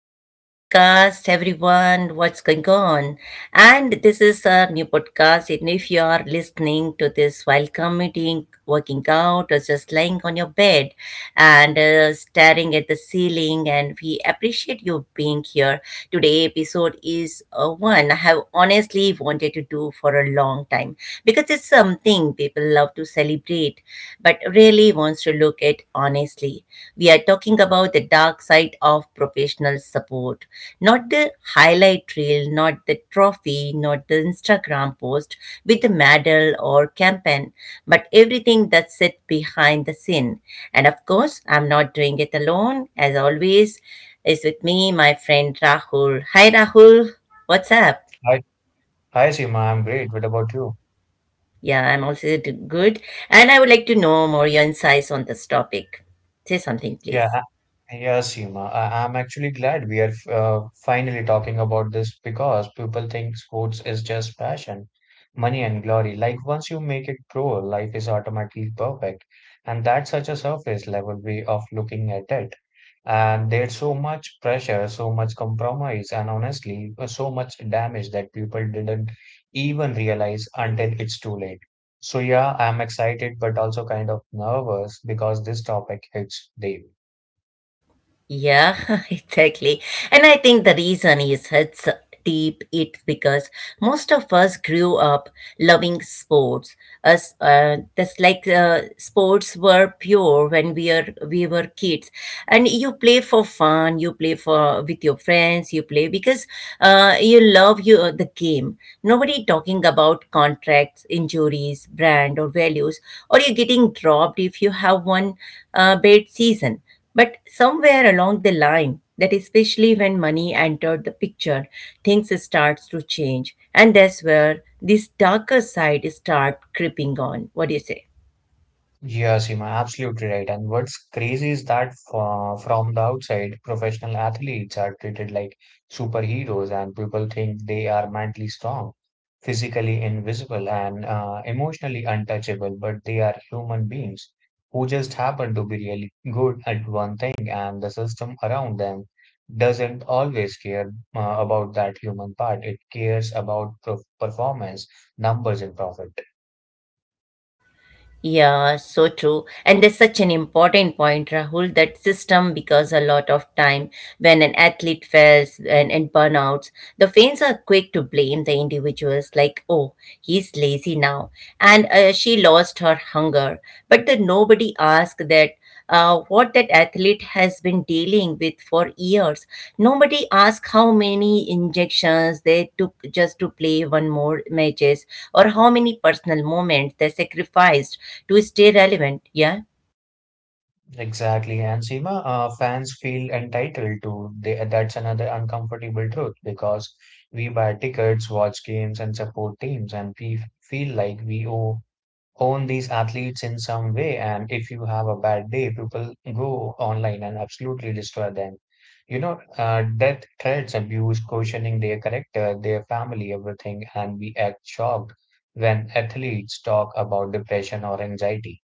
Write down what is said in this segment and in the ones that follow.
back to our podcast, everyone. What's going on? And this is our new podcast. And if you are listening to this while commuting, working out, or just lying on your bed and staring at the ceiling, and we appreciate you being here. Today episode is one I have honestly wanted to do for a long time because it's something people love to celebrate, but really wants to look at honestly. We are talking about the dark side of professional support, not the highlight reel, not the trophy, not the Instagram post with the medal or campaign, but everything that sits behind the scene. And of course, I'm not doing it alone. As always, is with me, my friend Rahul. Hi, Rahul. What's up? Hi, Seema, I'm great. What about you? Yeah, I'm also good. And I would like to know more your insights on this topic. Say something, Yeah, please. yeah, Seema. I'm actually glad we are finally talking about this because people think sports is just passion, money, and glory. Like once you make it pro, life is automatically perfect, and that's such a surface level way of looking at it. And there's so much pressure, so much compromise, and honestly, so much damage that people didn't even realize until it's too late. So yeah, I'm excited but also kind of nervous because this topic hits deep. Yeah, exactly. And I think the reason is it's deep it because most of us grew up loving sports. Us, that's like sports were pure when we were kids, and you play for fun. You play for with your friends. You play because you love you the game. Nobody talking about contracts, injuries, brand, or values, or you're getting dropped if you have one bad season. But somewhere along the line, that especially when money entered the picture, things starts to change, and that's where this darker side start creeping on. What do you say? Yes, Seema, absolutely right. And what's crazy is that from the outside, professional athletes are treated like superheroes, and people think they are mentally strong, physically invisible, and emotionally untouchable. But they are human beings who just happen to be really good at one thing, and the system around them doesn't always care about that human part. It cares about performance, numbers, and profit. Yeah, so true. And that's such an important point, Rahul, that system because a lot of time when an athlete fails and burnouts, the fans are quick to blame the individuals like, oh, he's lazy now. And she lost her hunger. But then nobody asked that what that athlete has been dealing with for years. Nobody asks how many injections they took just to play one more matches or how many personal moments they sacrificed to stay relevant. Yeah. Exactly. And Seema, fans feel entitled to they, that's another uncomfortable truth because we buy tickets, watch games, and support teams, and we feel like we owe, own these athletes in some way. And if you have a bad day, people go online and absolutely destroy them. You know, death threats, abuse, questioning their character, their family, everything, and we act shocked when athletes talk about depression or anxiety.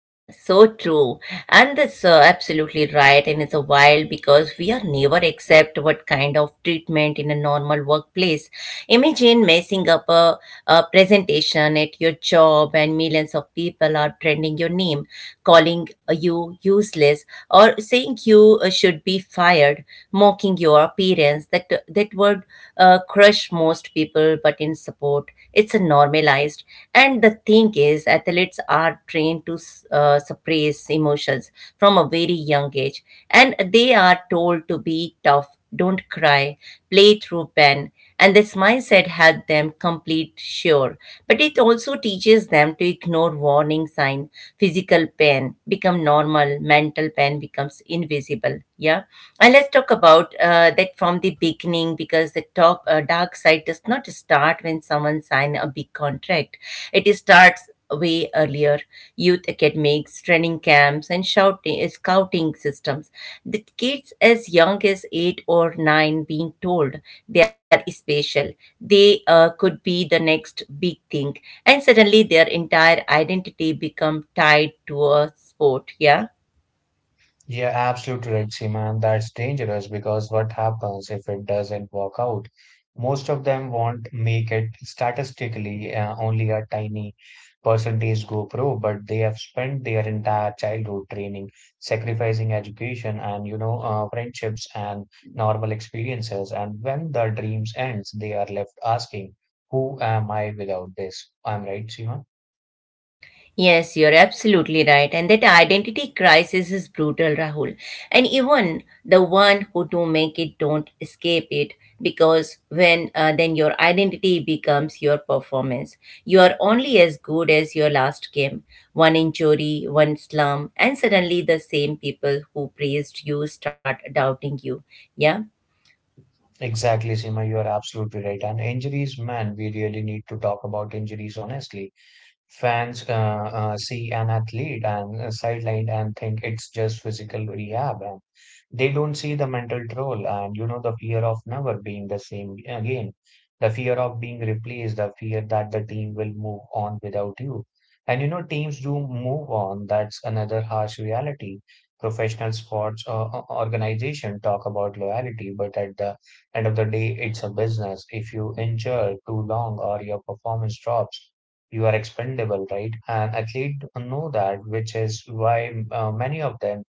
So true and that's absolutely right and it's a while because we are never accept what kind of treatment in a normal workplace imagine messing up a presentation at your job and millions of people are trending your name calling you useless or saying you should be fired, mocking your appearance. That would crush most people, but in support, it's a normalized. And the thing is, athletes are trained to suppress emotions from a very young age, and they are told to be tough, don't cry, play through pain. And this mindset helps them complete sure, but it also teaches them to ignore warning sign. Physical pain become normal, mental pain becomes invisible. Yeah. And let's talk about that from the beginning because the top dark side does not start when someone signs a big contract. It starts way earlier. Youth academics, training camps, and shouting, scouting systems. The kids as young as eight or nine being told they are special. They could be the next big thing, and suddenly their entire identity become tied to a sport. Yeah. Yeah, absolutely right, Seema, and that's dangerous because what happens if it doesn't work out? Most of them won't make it statistically, only a tiny percentage go pro, but they have spent their entire childhood training, sacrificing education and, you know, friendships and normal experiences. And when the dreams ends, they are left asking, who am I without this? I'm right, Seema? Yes, you're absolutely right. And that identity crisis is brutal, Rahul. And even the one who do make it don't escape it because when then your identity becomes your performance. You are only as good as your last game. One injury, one slump, and suddenly the same people who praised you start doubting you. Yeah. Exactly, Seema, you are absolutely right. And injuries, man, we really need to talk about injuries honestly. Fans see an athlete and sidelined and think it's just physical rehab, they don't see the mental role, and you know, the fear of never being the same again, the fear of being replaced, the fear that the team will move on without you. And you know, teams do move on. That's another harsh reality. Professional sports organization talk about loyalty, but at the end of the day it's a business. If you injure too long or your performance drops, you are expendable, right? And athlete know that, which is why many of them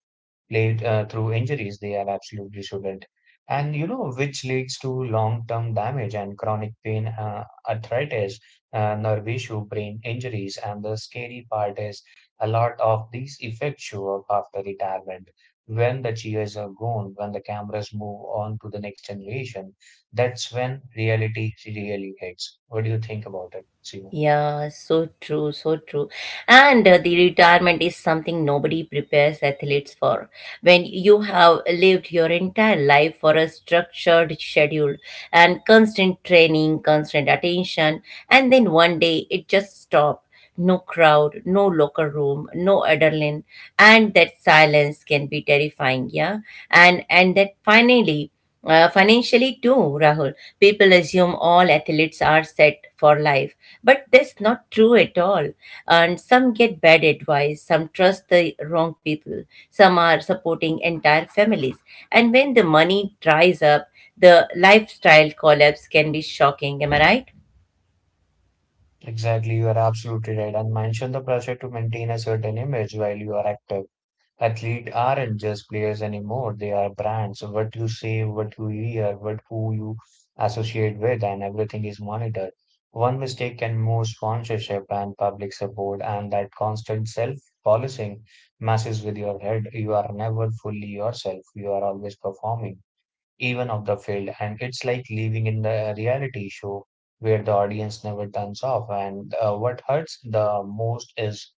played through injuries they are absolutely shouldn't. And you know, which leads to long-term damage and chronic pain, arthritis, nerve issue, brain injuries. And the scary part is a lot of these effects show up after retirement, when the cheers are gone, when the cameras move on to the next generation. That's when reality really hits. What do you think about it, Seema? Yeah, so true, so true. And the retirement is something nobody prepares athletes for. When you have lived your entire life for a structured schedule and constant training, constant attention, and then one day it just stops. No crowd, no locker room, no adrenaline, and that silence can be terrifying. Yeah, and that finally. Financially too, Rahul, people assume all athletes are set for life, but that's not true at all. And some get bad advice, some trust the wrong people, some are supporting entire families, and when the money dries up, the lifestyle collapse can be shocking. Am I right? Exactly, you are absolutely right. And mention the pressure to maintain a certain image while you are active. Athletes aren't just players anymore. They are brands. So what you say, what you hear, what who you associate with, and everything is monitored. One mistake can move sponsorship and public support, and that constant self-policing messes with your head. You are never fully yourself. You are always performing even of the field. And it's like living in the reality show where the audience never turns off. And what hurts the most is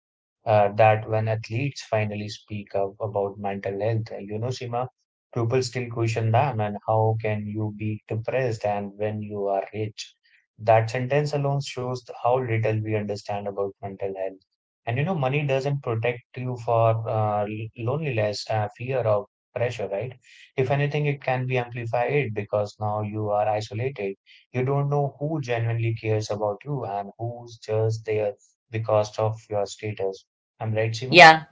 that when athletes finally speak up about mental health, you know, Sima, people still question them and how can you be depressed and when you are rich? That sentence alone shows how little we understand about mental health. And you know, money doesn't protect you for loneliness, fear of pressure, right? If anything, it can be amplified because now you are isolated. You don't know who genuinely cares about you and who's just there because of your status. I'm right, Seema? Yeah.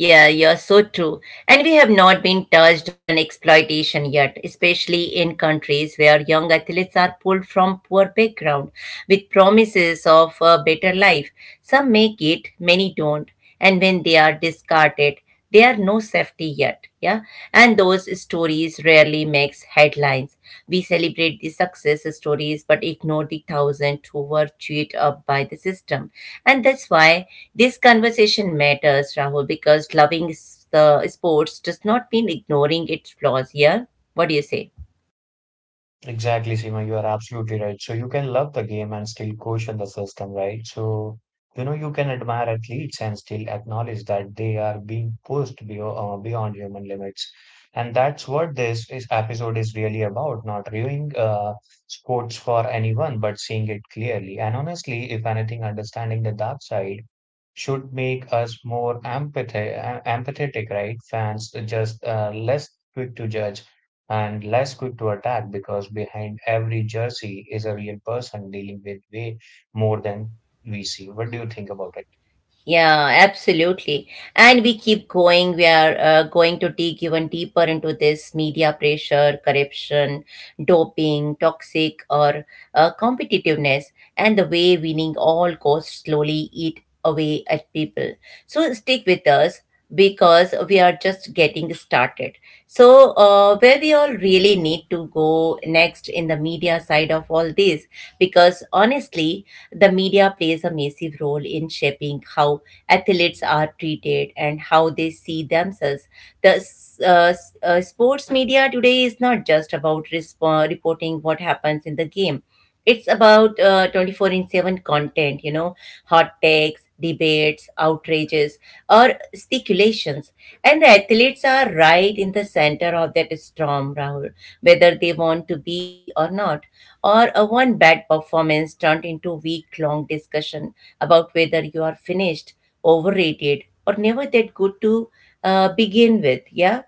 Yeah, you're so true. And we have not been touched on exploitation yet, especially in countries where young athletes are pulled from poor background with promises of a better life. Some make it, many don't. And when they are discarded, they are no safety yet. Yeah. And those stories rarely makes headlines. We celebrate the success stories but ignore the thousands who were chewed up by the system. And that's why this conversation matters, Rahul, because loving the sports does not mean ignoring its flaws. Yeah. What do you say? Exactly, Seema, you are absolutely right. So you can love the game and still question the system, right? So, you know, you can admire athletes and still acknowledge that they are being pushed beyond, beyond human limits. And that's what this is episode is really about, not reviewing sports for anyone, but seeing it clearly. And honestly, if anything, understanding the dark side should make us empathetic, right? Fans just less quick to judge and less quick to attack, because behind every jersey is a real person dealing with way more than we see. What do you think about it? Yeah, absolutely. And we keep going. We are going to dig even deeper into this media pressure, corruption, doping, toxic or competitiveness, and the way winning all costs slowly eat away at people. So stick with us because we are just getting started. So, where we all really need to go next in the media side of all this, because honestly, the media plays a massive role in shaping how athletes are treated and how they see themselves. The sports media today is not just about reporting what happens in the game. It's about 24 in 7 content, you know, hot takes, debates, outrages or speculations. And the athletes are right in the center of that storm, Rahul, whether they want to be or not. Or a one bad performance turned into week long discussion about whether you are finished, overrated, or never that good to begin with. Yeah.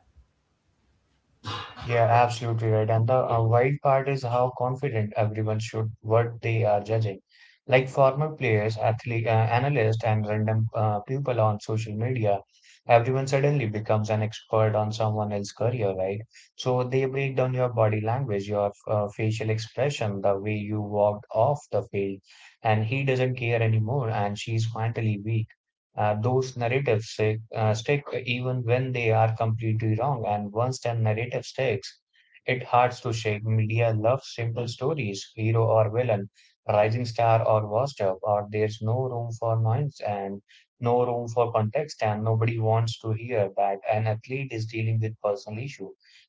Yeah, absolutely right. And the wild part is how confident everyone should what they are judging. Like former players, athlete, analysts, and random people on social media, everyone suddenly becomes an expert on someone else's career, right? So they break down your body language, your facial expression, the way you walked off the field, and he doesn't care anymore, and she's mentally weak. Those narratives stick even when they are completely wrong. And once that narrative sticks, it hard to shake. Media loves simple stories, hero or villain, rising star or washed up, or there's no room for nuance and no room for context, and nobody wants to hear that an athlete is dealing with personal issue,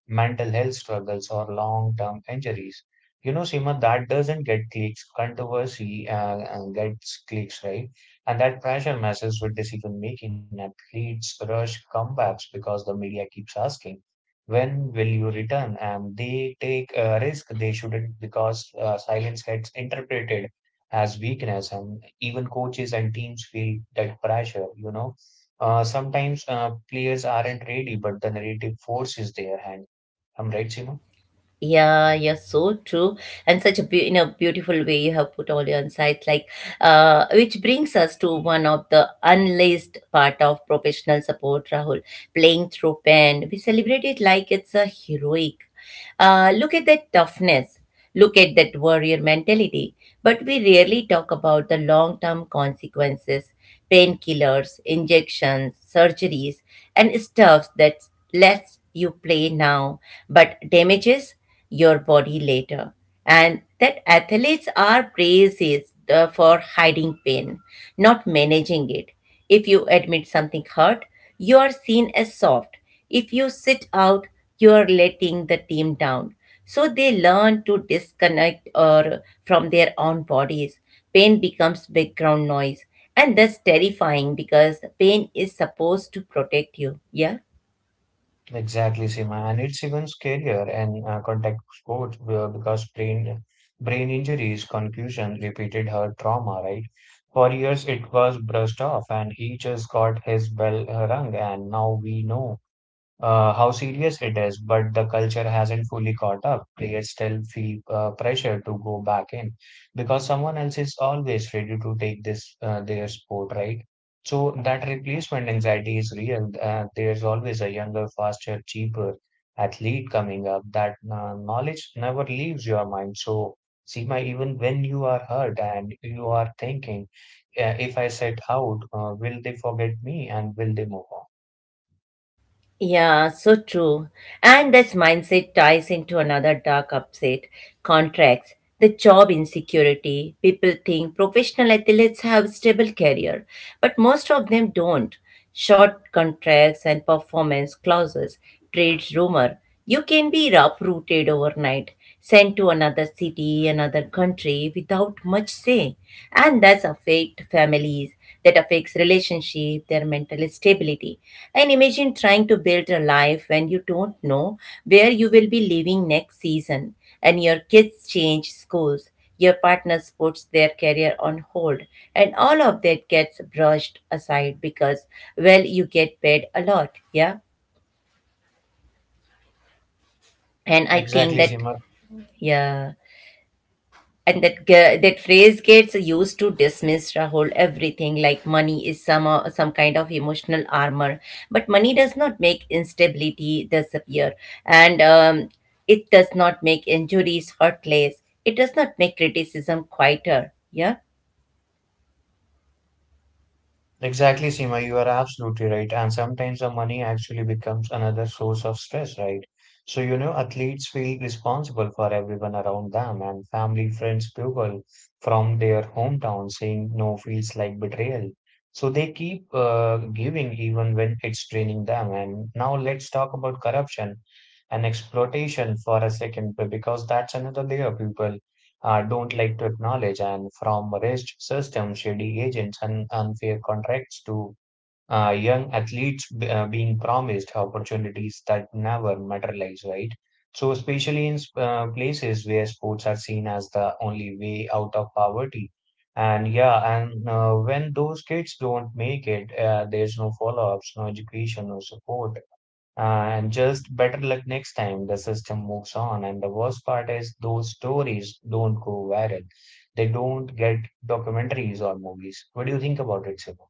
mental health struggles, or long-term injuries. You know, Seema, that doesn't get clicks. Controversy gets clicks, right? And that pressure messes with decision making and leads rush comebacks because the media keeps asking, when will you return? And they take a risk they shouldn't because silence gets interpreted as weakness. And even coaches and teams feel that pressure, you know. Sometimes players aren't ready, but the narrative force is their hand. I'm right, Seema? Yeah, so true, and such a beau in a beautiful way you have put all your insights. Like, which brings us to one of the unlaced part of professional support, Rahul, playing through pain. We celebrate it like it's a heroic. Look at that toughness. Look at that warrior mentality. But we rarely talk about the long term consequences, painkillers, injections, surgeries, and stuff that lets you play now but damages your body later. And that athletes are praised for hiding pain, not managing it. If you admit something hurt, you are seen as soft. If you sit out, you are letting the team down. So they learn to disconnect or from their own bodies. Pain becomes background noise, and that's terrifying because pain is supposed to protect you. Yeah. Exactly, Seema, and it's even scarier in contact sport because brain injuries, concussion, repeated heart trauma, right? For years it was brushed off, and he just got his bell rung, and now we know how serious it is, but the culture hasn't fully caught up. Players still feel pressure to go back in because someone else is always ready to take this their sport, right? So that replacement anxiety is real. There's always a younger, faster, cheaper athlete coming up. That knowledge never leaves your mind. So, Seema, even when you are hurt and you are thinking, if I set out, will they forget me and will they move on? Yeah, so true. And this mindset ties into another dark upset, contracts, the job insecurity. People think professional athletes have stable career, but most of them don't. Short contracts and performance clauses, trades rumor. You can be uprooted overnight, sent to another city, another country without much say. And that's affect families, that affects relationship, their mental stability. And imagine trying to build a life when you don't know where you will be living next season and your kids change schools. Your partner puts their career on hold, and all of that gets brushed aside because, well, you get paid a lot. Yeah. And I think Exactly, that, Seema. yeah. And that that phrase gets used to dismiss, Rahul, everything like money is some kind of emotional armor, but money does not make instability disappear, and it does not make injuries hurtless, it does not make criticism quieter. Yeah. Exactly, Seema, you are absolutely right. And sometimes the money actually becomes another source of stress, right? So, you know, athletes feel responsible for everyone around them, and family, friends, people from their hometown saying no feels like betrayal. So they keep giving even when it's draining them. And now let's talk about corruption and exploitation for a second, because that's another layer, people don't like to acknowledge, and from rigged systems, shady agents, and unfair contracts to young athletes being promised opportunities that never materialize, right? So, especially in places where sports are seen as the only way out of poverty. And yeah, and when those kids don't make it, there's no follow-ups, no education, no support, and just better luck next time the system moves on. And the worst part is those stories don't go viral. They don't get documentaries or movies. What do you think about it, Sima?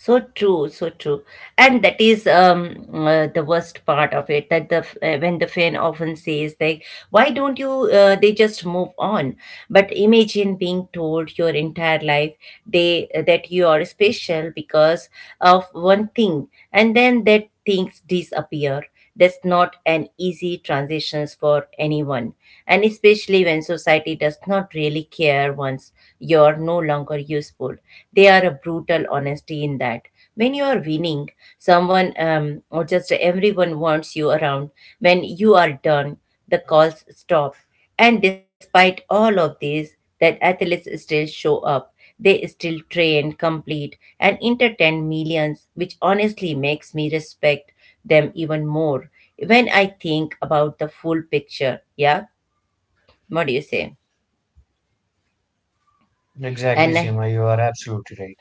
So true, and that is the worst part of it. That the when the fan often says like, "Why don't you?" They just move on. But imagine being told your entire life they that you are special because of one thing, and then that things disappear. That's not an easy transition for anyone, and especially when society does not really care once you're no longer useful. They are a brutal honesty in that. When you are winning, someone or just everyone wants you around. When you are done, the calls stop, and despite all of this, that athletes still show up. They still train, complete, and entertain millions, which honestly makes me respect them even more when I think about the full picture. Yeah, what do you say? Exactly, And Sima. You are absolutely right.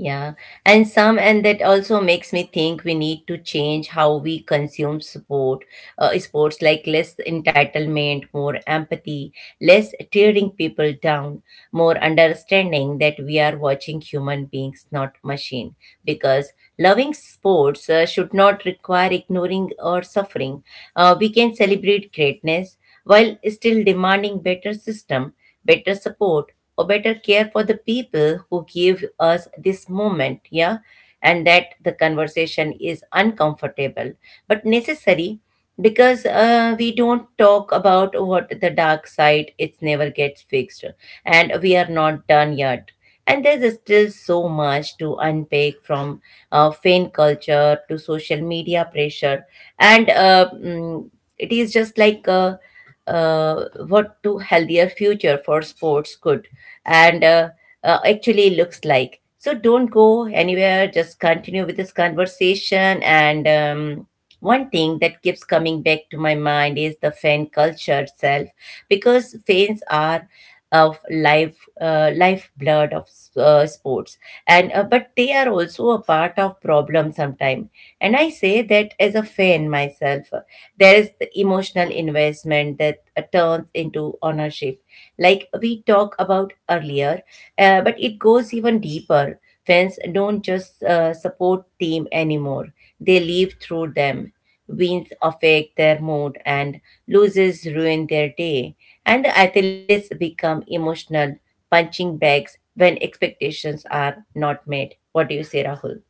yeah, and some, and that also makes me think we need to change how we consume sport, sports, like less entitlement, more empathy, less tearing people down, more understanding that we are watching human beings, not machine. Because loving sports should not require ignoring or suffering. We can celebrate greatness while still demanding better system, better support, or better care for the people who give us this moment. Yeah. And that the conversation is uncomfortable but necessary because we don't talk about what the dark side it never gets fixed, and we are not done yet, and there's still so much to unpack from fan culture to social media pressure and it is just like what to healthier future for sports could and actually looks like. So don't go anywhere. Just continue with this conversation. And One thing that keeps coming back to my mind is the fan culture itself, because fans are of life lifeblood of sports and but they are also a part of problem sometimes, and I say that as a fan myself. There is the emotional investment that turns into ownership. Like we talked about earlier, but it goes even deeper. Fans don't just support team anymore. They live through them. Wins affect their mood and loses ruin their day. And the athletes become emotional punching bags when expectations are not met. What do you say, Rahul?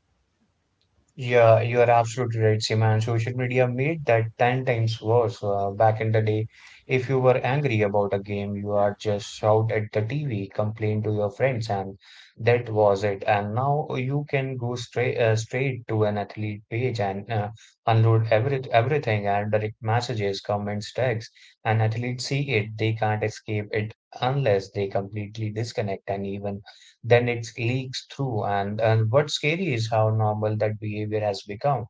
Yeah, you are absolutely right, Seema. And social media made that 10 times worse. Back in the day, if you were angry about a game, you are just shout at the TV, complain to your friends, and that was it. And now you can go straight straight to an athlete page and unload everything and direct messages, comments, tags. And athletes see it; they can't escape it unless they completely disconnect. And even then it leaks through. And what's scary is how normal that behavior has become.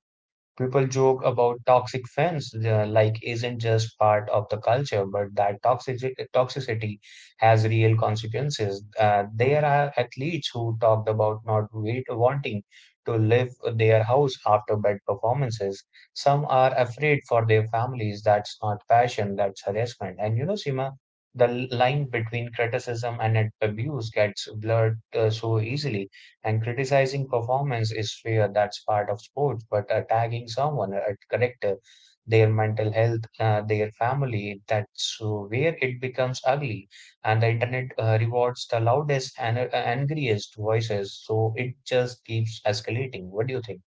People joke about toxic fans like isn't just part of the culture, but that toxicity has real consequences. There are athletes who talked about not wait, wanting to leave their house after bad performances. Some are afraid for their families. That's not passion, that's harassment. And you know, Sima, the line between criticism and abuse gets blurred so easily, and criticizing performance is fair, that's part of sports, but attacking someone, a character, their mental health, their family, that's where it becomes ugly. And the internet rewards the loudest and angriest voices, so it just keeps escalating. What do you think?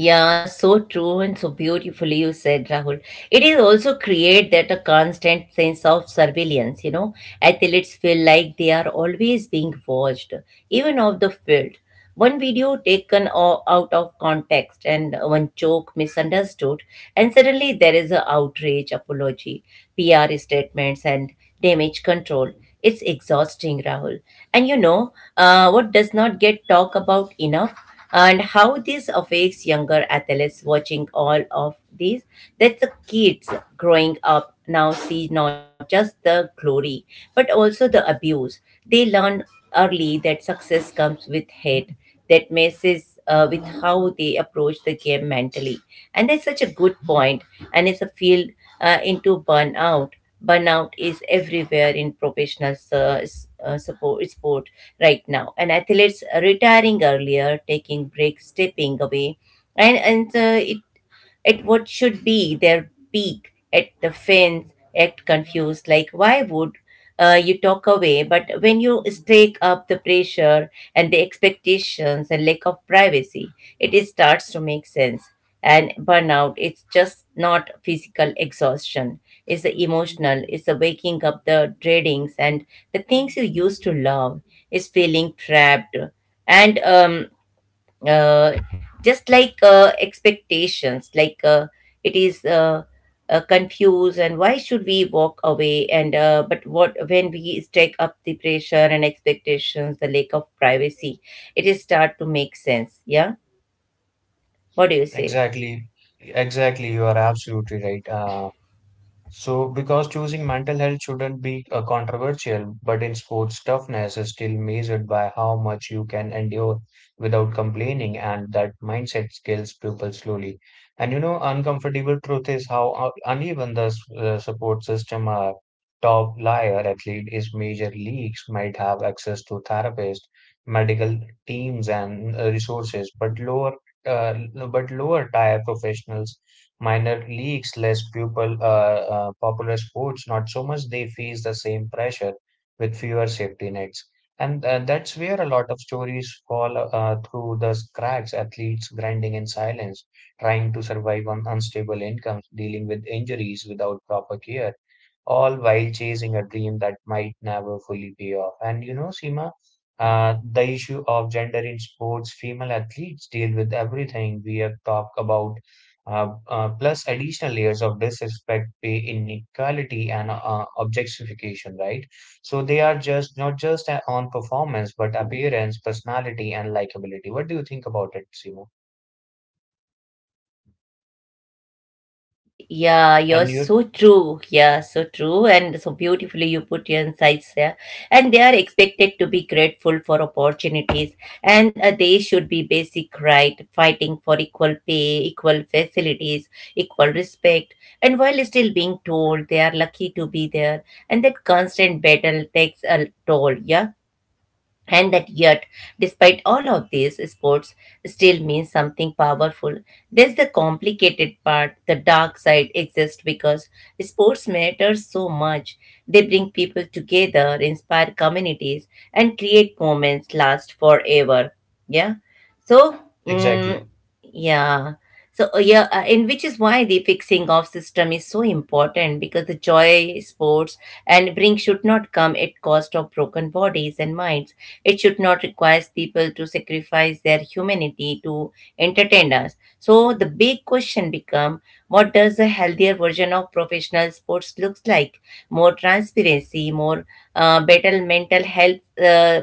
Yeah, so true, and so beautifully you said, Rahul. It is also create that a constant sense of surveillance, you know. Athletes feel like they are always being watched, even off the field. One video taken out of context and one joke misunderstood, and suddenly there is a outrage, apology, PR statements, and damage control. It's exhausting, Rahul. And you know, what does not get talked about enough, and how this affects younger athletes watching all of this. That the kids growing up now see not just the glory but also the abuse. They learn early that success comes with hate that messes with how they approach the game mentally. And that's such a good point, and it's a field into burnout. Burnout is everywhere in professional sport right now, and athletes are retiring earlier, taking breaks, stepping away, and it at what should be their peak at the fence act confused like why would you talk away, but when you stake up the pressure and the expectations and lack of privacy it is starts to make sense. And burnout, it's just not physical exhaustion, it's the emotional, it's the waking up the dreadings and the things you used to love is feeling trapped. And uh, just like expectations like it is confused, and why should we walk away, and but what when we stack up the pressure and expectations the lack of privacy it is start to make sense. Yeah, what do you say? Exactly, exactly. You are absolutely right. So, because choosing mental health shouldn't be controversial, but in sports, toughness is still measured by how much you can endure without complaining, and that mindset scales people slowly. And you know, uncomfortable truth is how uneven the support system are. Top liar athlete is major leagues might have access to therapists, medical teams, and resources, but uh, but lower tier professionals minor leagues, less pupil, popular sports, not so much they face the same pressure with fewer safety nets. And that's where a lot of stories fall through the cracks, athletes grinding in silence, trying to survive on unstable incomes, dealing with injuries without proper care, all while chasing a dream that might never fully pay off. And you know, Seema, the issue of gender in sports, female athletes deal with everything we have talked about plus additional layers of disrespect, pay inequality, and objectification, right? So they are just not just on performance, but appearance, personality, and likability. What do you think about it, Simo? Yeah, you're And you so true. Yeah, so true. And so beautifully you put your insights there. And they are expected to be grateful for opportunities. And they should be basic right, fighting for equal pay, equal facilities, equal respect. And while still being told they are lucky to be there. And that constant battle takes a toll. Yeah, and that yet, despite all of this, sports still means something powerful. There's the complicated part, the dark side exists because sports matters so much. They bring people together, inspire communities, and create moments last forever. Yeah, so mm, exactly. yeah, so yeah, and which is why the fixing of system is so important, because the joy sports and bring should not come at cost of broken bodies and minds. It should not require people to sacrifice their humanity to entertain us. So the big question becomes, what does a healthier version of professional sports looks like? More transparency, more, better mental health, uh,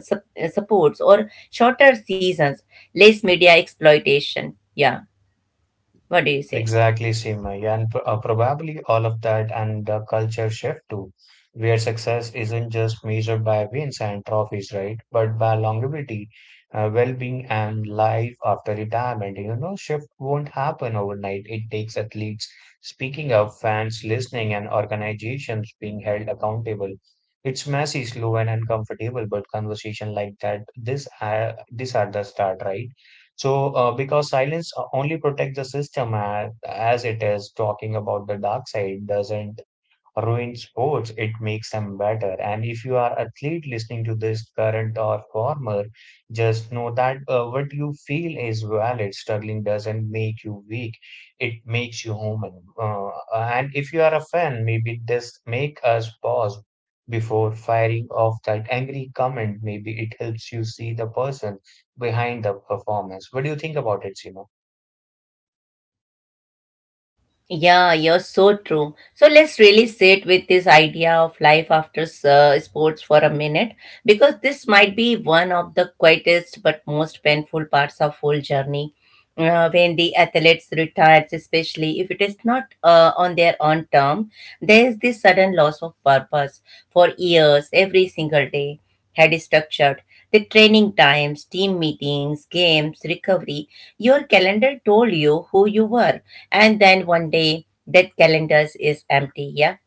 sup- uh, supports, or shorter seasons, less media exploitation. Yeah, what do you say? Exactly, Simai, and probably all of that and the culture shift too, where success isn't just measured by wins and trophies, right? But by longevity, well-being, and life after retirement. You know, shift won't happen overnight. It takes athletes speaking up, fans listening, and organizations being held accountable. It's messy, slow, and uncomfortable, but conversation like this, these are the start, right? So, because silence only protects the system as it is talking about the dark side, doesn't ruin sports, it makes them better. And if you are athlete listening to this, current or former, just know that what you feel is valid. Struggling doesn't make you weak; it makes you human. And if you are a fan, maybe this make us pause before firing off that angry comment. Maybe it helps you see the person behind the performance. What do you think about it, Simo? Yeah, you're so true. So let's really sit with this idea of life after sports for a minute, because this might be one of the quietest but most painful parts of whole journey. When the athletes retires, especially if it is not on their own term, there is this sudden loss of purpose. For years, every single day had structured the training times, team meetings, games, recovery. Your calendar told you who you were, and then one day that calendar is empty. Yeah,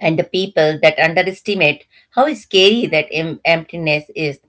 and the people that underestimate how scary that emptiness is.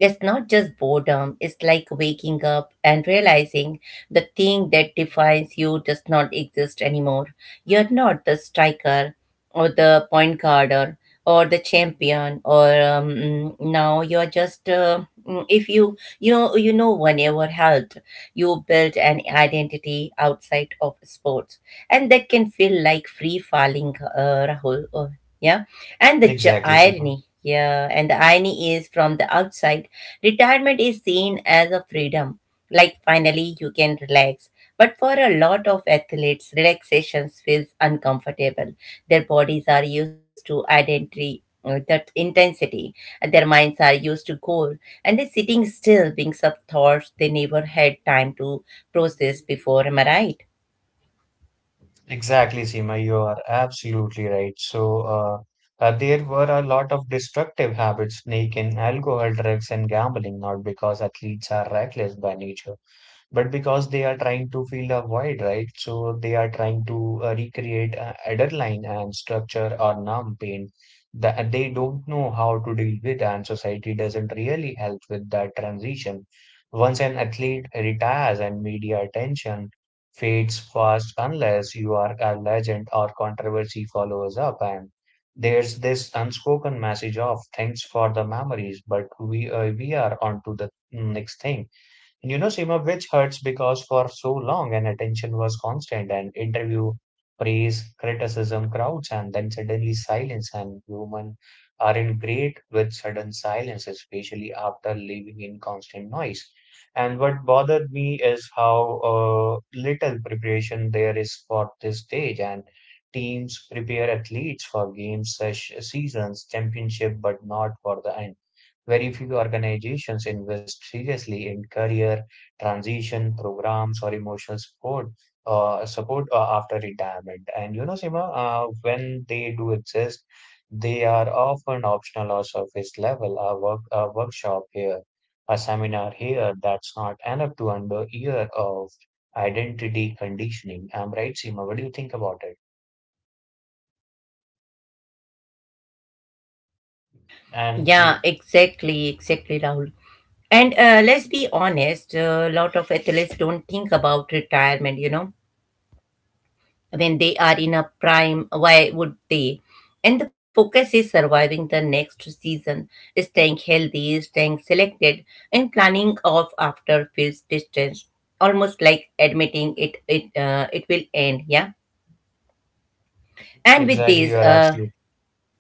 It's not just boredom, it's like waking up and realizing the thing that defines you does not exist anymore. You're not the striker or the point guarder or the champion, or now you're just, if you you know one ever held, you build an identity outside of sports, and that can feel like free falling, Rahul. Yeah, and the Exactly, Sima. irony. Yeah, and the irony is from the outside, retirement is seen as a freedom, like finally you can relax. But for a lot of athletes, relaxation feels uncomfortable. Their bodies are used to identity, that intensity, and their minds are used to goal, and they're sitting still, being sub thoughts they never had time to process before. Am I right? Exactly, Seema, you are absolutely right. So, there were a lot of destructive habits sneak in alcohol, drugs, and gambling, not because athletes are reckless by nature, but because they are trying to fill a void, right? So they are trying to recreate a header line and structure or numb pain that they don't know how to deal with, and society doesn't really help with that transition. Once an athlete retires and media attention fades fast unless you are a legend or controversy follows up and there's this unspoken message of thanks for the memories, but we are on to the next thing. And you know, Seema, which hurts because for so long and attention was constant and interview, praise, criticism, crowds, and then suddenly silence. And human are in great with sudden silence, especially after living in constant noise. And what bothered me is how little preparation there is for this stage. And teams prepare athletes for games, seasons, championship, but not for the end very few organizations invest seriously in career transition programs or emotional support after retirement. And you know, Sima, when they do exist, they are often optional or surface level. A workshop here, a seminar here. That's not enough to under year of identity conditioning. I'm right, Sima. What do you think about it? And Yeah, l- exactly, exactly, Rahul. And let's be honest, a lot of athletes don't think about retirement, you know. When they are in a prime, why would they? And the focus is surviving the next season, staying healthy, staying selected, and planning off after feels distance. Almost like admitting it will end, yeah. And with exactly, this, you are absolutely.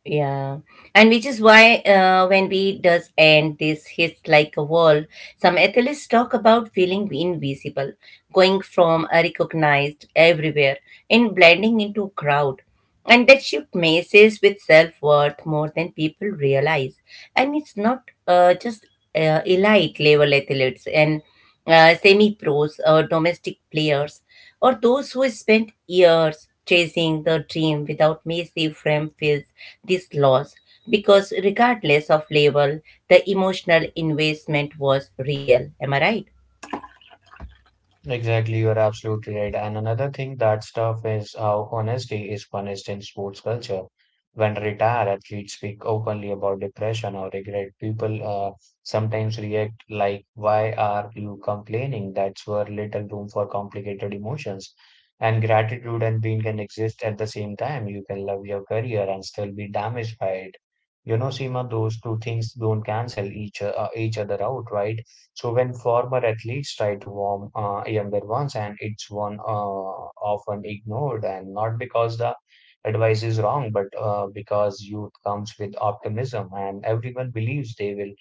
yeah, and which is why when we does end this hits like a wall. Some athletes talk about feeling invisible, going from a recognized everywhere and blending into crowd, and that shift messes with self worth more than people realize, and it's not just elite level athletes and semi pros or domestic players or those who spent years chasing the dream without massive frame feels this loss, because regardless of label, the emotional investment was real. Am I right? Exactly, you are absolutely right. And another thing that's tough is how honesty is punished in sports culture. When retired athletes speak openly about depression or regret, people sometimes react like, Why are you complaining? That's where little room for complicated emotions. And gratitude and pain can exist at the same time. You can love your career and still be damaged by it. You know, Seema, those two things don't cancel each other out, right? So when former athletes try to warm younger ones, and it's one often ignored, and not because the advice is wrong, but because youth comes with optimism, and everyone believes they will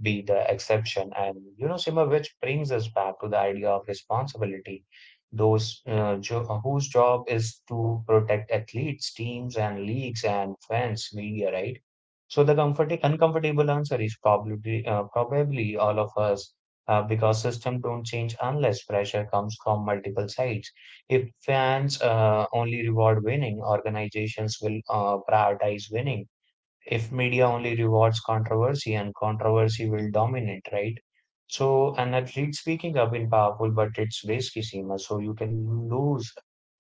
be the exception. And you know, Sima, which brings us back to the idea of responsibility. Whose job is to protect athletes, teams, and leagues, and fans, media, right? So the comfort uncomfortable answer is probably all of us because system don't change unless pressure comes from multiple sides. If fans only reward winning, organizations will prioritize winning if media only rewards controversy and controversy will dominate, right? So, and that read speaking up in powerful, but it's risky, Seema. So you can lose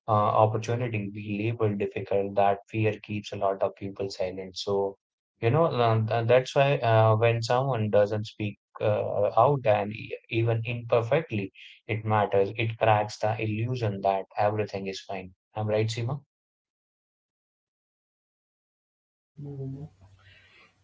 opportunity, be labeled difficult. That fear keeps a lot of people silent. So, you know, and that's why when someone doesn't speak out and even imperfectly, it matters. It cracks the illusion that everything is fine. I'm right, Seema?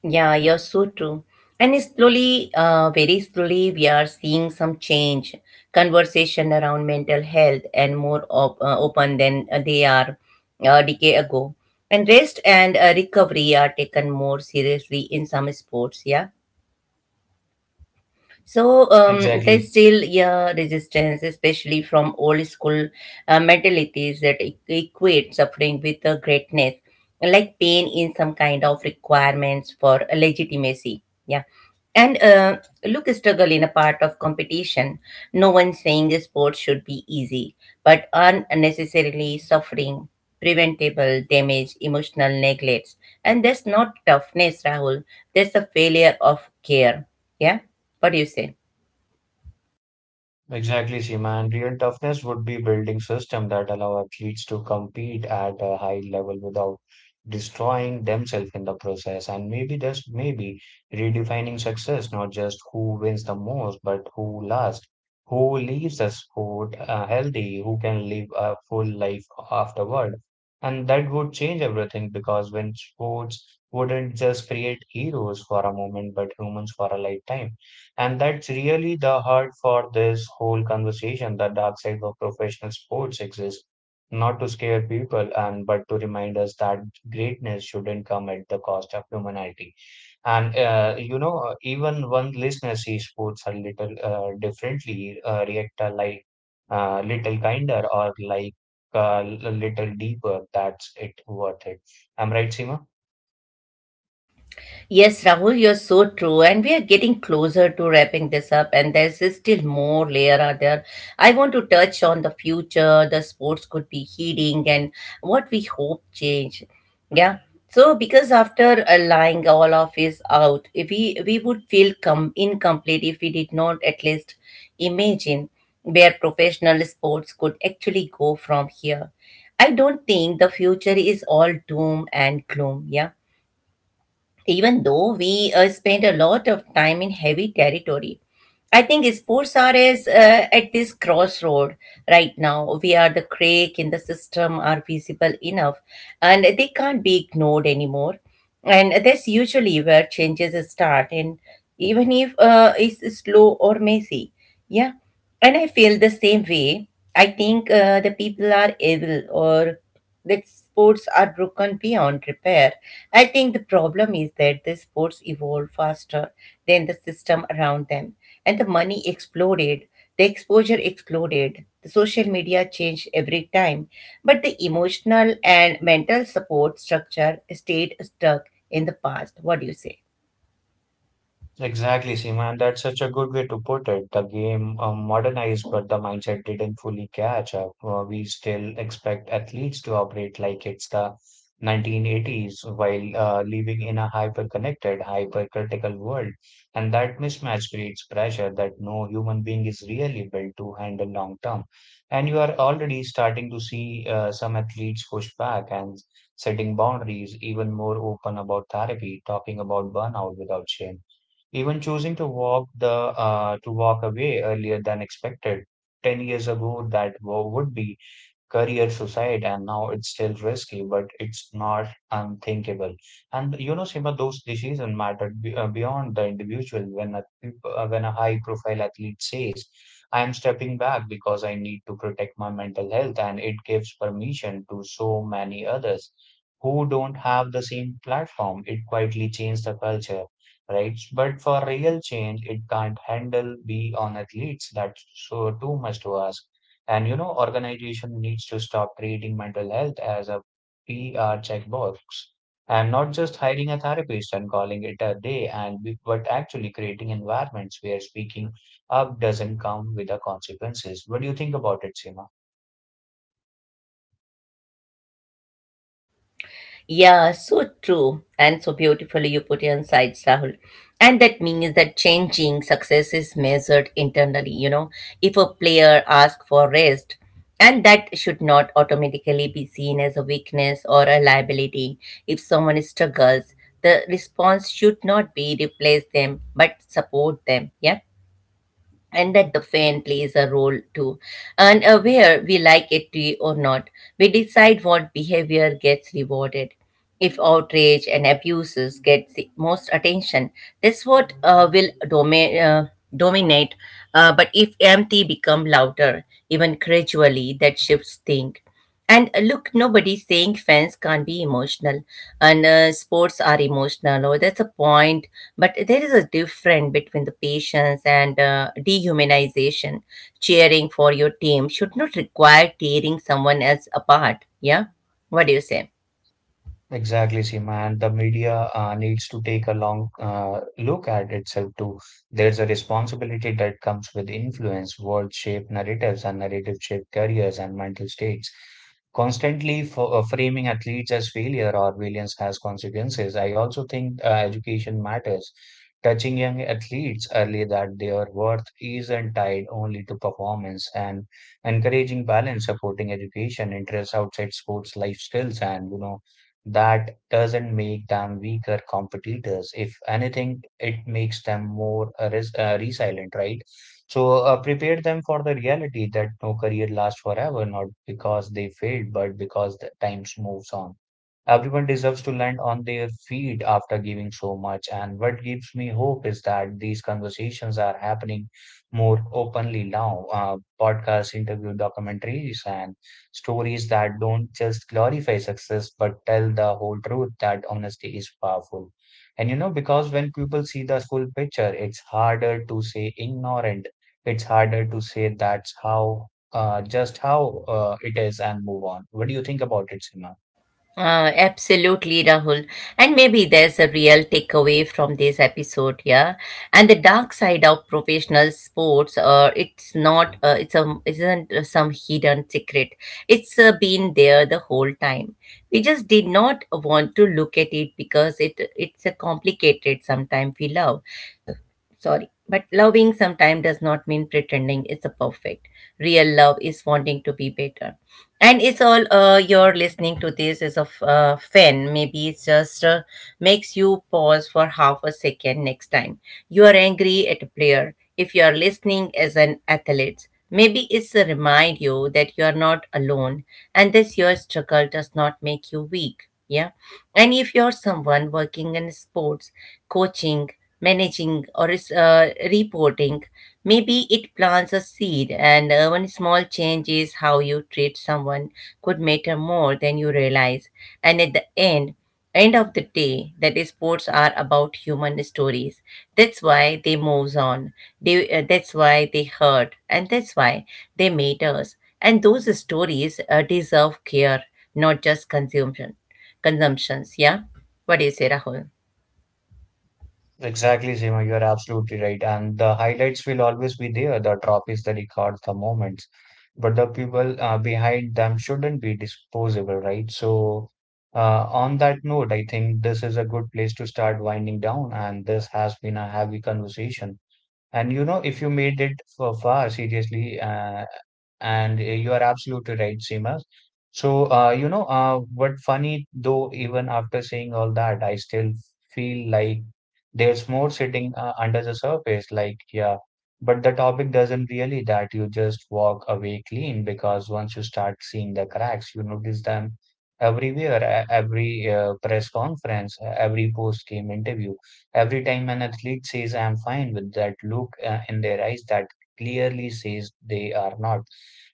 Yeah, you're so true. And it's slowly, very slowly we are seeing some change. Conversation around mental health and more open than they are a decade ago, and rest and recovery are taken more seriously in some sports. Yeah, so there's Exactly. still, yeah, resistance, especially from old school mentalities that equate suffering with greatness, like pain in some kind of requirements for legitimacy. Yeah and Look, struggle in a part of competition. No one saying sports should be easy, but unnecessarily suffering, preventable damage, emotional neglects. And that's not toughness, Rahul. That's a failure of care. Yeah? What do you say? Exactly, Seema. And real toughness would be building system that allow athletes to compete at a high level without destroying themselves in the process. And maybe just maybe redefining success, not just who wins the most, but who lasts, who leaves the sport healthy, who can live a full life afterward. And that would change everything because when sports wouldn't just create heroes for a moment, but humans for a lifetime. And that's really the heart for this whole conversation. The dark side of professional sports exists not to scare people and but to remind us that greatness shouldn't come at the cost of humanity. And even one listener sees sports a little differently, react a like little kinder or like a little deeper. That's it worth it. I'm right, Seema? Yes, Rahul, you're so true. And we are getting closer to wrapping this up, and there's still more layer out there. I want to touch on the future, the sports could be heating, and what we hope change. Yeah. So, because after lying all of is out, if we would feel incomplete if we did not at least imagine where professional sports could actually go from here. I don't think the future is all doom and gloom. Yeah, even though we spend a lot of time in heavy territory, I think sports are at this crossroad right now. We are the crack in the system are visible enough, and they can't be ignored anymore, and that's usually where changes start, and even if it's slow or messy. Yeah, and I feel the same way. I think the people are evil or that sports are broken beyond repair. I think the problem is that the sports evolved faster than the system around them, and the money exploded, the exposure exploded, the social media changed every time, but the emotional and mental support structure stayed stuck in the past. What do you say? Exactly, Seema, and that's such a good way to put it. The game modernized, but the mindset didn't fully catch up. We still expect athletes to operate like it's the 1980s while living in a hyper-connected, hyper-critical world. And that mismatch creates pressure that no human being is really built to handle long term. And you are already starting to see some athletes push back and setting boundaries, even more open about therapy, talking about burnout without shame even choosing to walk away earlier than expected. 10 years ago, that would be career suicide and now it's still risky but it's not unthinkable and you know Sima those decisions matter beyond the individual when a high profile athlete says I am stepping back because I need to protect my mental health and it gives permission to so many others who don't have the same platform it quietly changes the culture right but for real change it can't handle be on athletes that's so too much to ask and you know, organization needs to stop treating mental health as a PR checkbox and not just hiring a therapist and calling it a day and but actually creating environments where speaking up doesn't come with the consequences. What do you think about it, Seema? Yeah, so true, and so beautifully you put it inside, Rahul. And that means that changing success is measured internally, you know. If a player asks for rest, and that should not automatically be seen as a weakness or a liability. If someone struggles, the response should not be replace them but support them. Yeah, and that the fan plays a role too. And where we like it to or not, we decide what behavior gets rewarded. If outrage and abuses get the most attention, this what will dominate. But if empty become louder, even gradually, that shifts thing. And look, nobody's saying fans can't be emotional and sports are emotional, or that's a point. But there is a difference between the patience and dehumanization. Cheering for your team should not require tearing someone else apart. Yeah? What do you say? Exactly, Seema, and the media needs to take a long look at itself too. There's a responsibility that comes with influence, world shape narratives, and narrative shape careers and mental states. Framing athletes as failure or villains has consequences. I also think education matters. Touching young athletes early that their worth isn't tied only to performance and encouraging balance, supporting education, interests outside sports, life skills, and you know that doesn't make them weaker competitors. If anything, it makes them more resilient, right? So prepare them for the reality that no career lasts forever, not because they failed, but because the times moves on. Everyone deserves to land on their feet after giving so much. And what gives me hope is that these conversations are happening more openly now. Podcasts, interview documentaries, and stories that don't just glorify success but tell the whole truth that honesty is powerful. And you know, because when people see the full picture, it's harder to say ignorant. It's harder to say just how it is and move on. What do you think about it, Sima? Absolutely, Rahul. And maybe there's a real takeaway from this episode, yeah. And the dark side of professional sports, it's not, it's a, isn't some hidden secret. It's been there the whole time. We just did not want to look at it because it's a complicated. Sometimes we love, sorry, but loving sometimes does not mean pretending it's a perfect. Real love is wanting to be better, and it's all you're listening to this is of fan, maybe it's just makes you pause for half a second next time you are angry at a player. If you are listening as an athlete, maybe it's a remind you that you are not alone, and this your struggle does not make you weak, yeah. And if you're someone working in sports, coaching, managing or is, reporting. Maybe it plants a seed, and one small change is how you treat someone could matter more than you realize. And at the end, end of the day, that is, sports are about human stories. That's why they moves on. They that's why they hurt, and that's why they matters. And those stories deserve care, not just consumption. Consumptions, yeah. What do you say, Rahul? Exactly, Seema, you are absolutely right. And the highlights will always be there, the trophies, the records, the moments. But the people behind them shouldn't be disposable, right? So, on that note, I think this is a good place to start winding down. And this has been a heavy conversation. And you know, if you made it for far, seriously, and you are absolutely right, Seema. So, you know, what funny though, even after saying all that, I still feel like there's more sitting under the surface. Like, yeah, but the topic doesn't really that you just walk away clean because once you start seeing the cracks, you notice them everywhere, every press conference, every post-game interview, every time an athlete says, I'm fine, with that look in their eyes that clearly says they are not.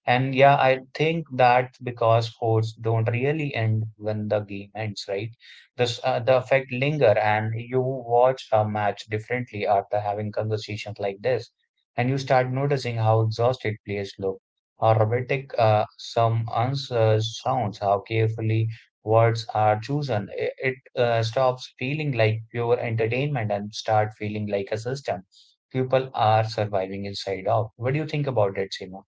And yeah, I think that's because sports don't really end when the game ends, right? This The effect linger, and you watch a match differently after having conversations like this, and you start noticing how exhausted players look, how robotic some answers sounds, how carefully words are chosen. It stops feeling like pure entertainment and start feeling like a system people are surviving inside of. What do you think about it, Seema?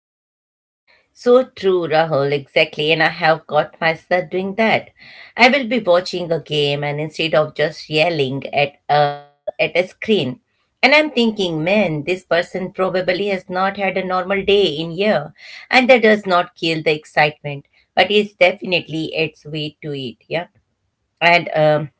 So true, Rahul, exactly. And I have caught myself doing that. I will be watching a game and instead of just yelling at at a screen, and I'm thinking, man, this person probably has not had a normal day in year. And that does not kill the excitement, but it definitely adds weight to it. Yeah. And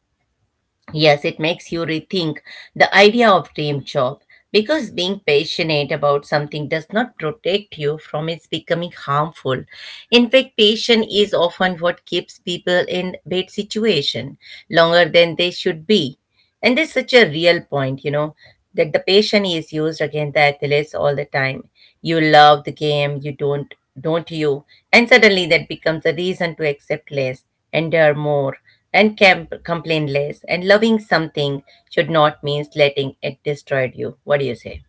Yes, it makes you rethink the idea of dream job, because being passionate about something does not protect you from its becoming harmful. In fact, passion is often what keeps people in bad situation longer than they should be. And there's such a real point, you know, that the patient is used against the athletes all the time. You love the game, you don't you? And suddenly that becomes a reason to accept less, endure more, and complain less. And loving something should not mean letting it destroy you. What do you say?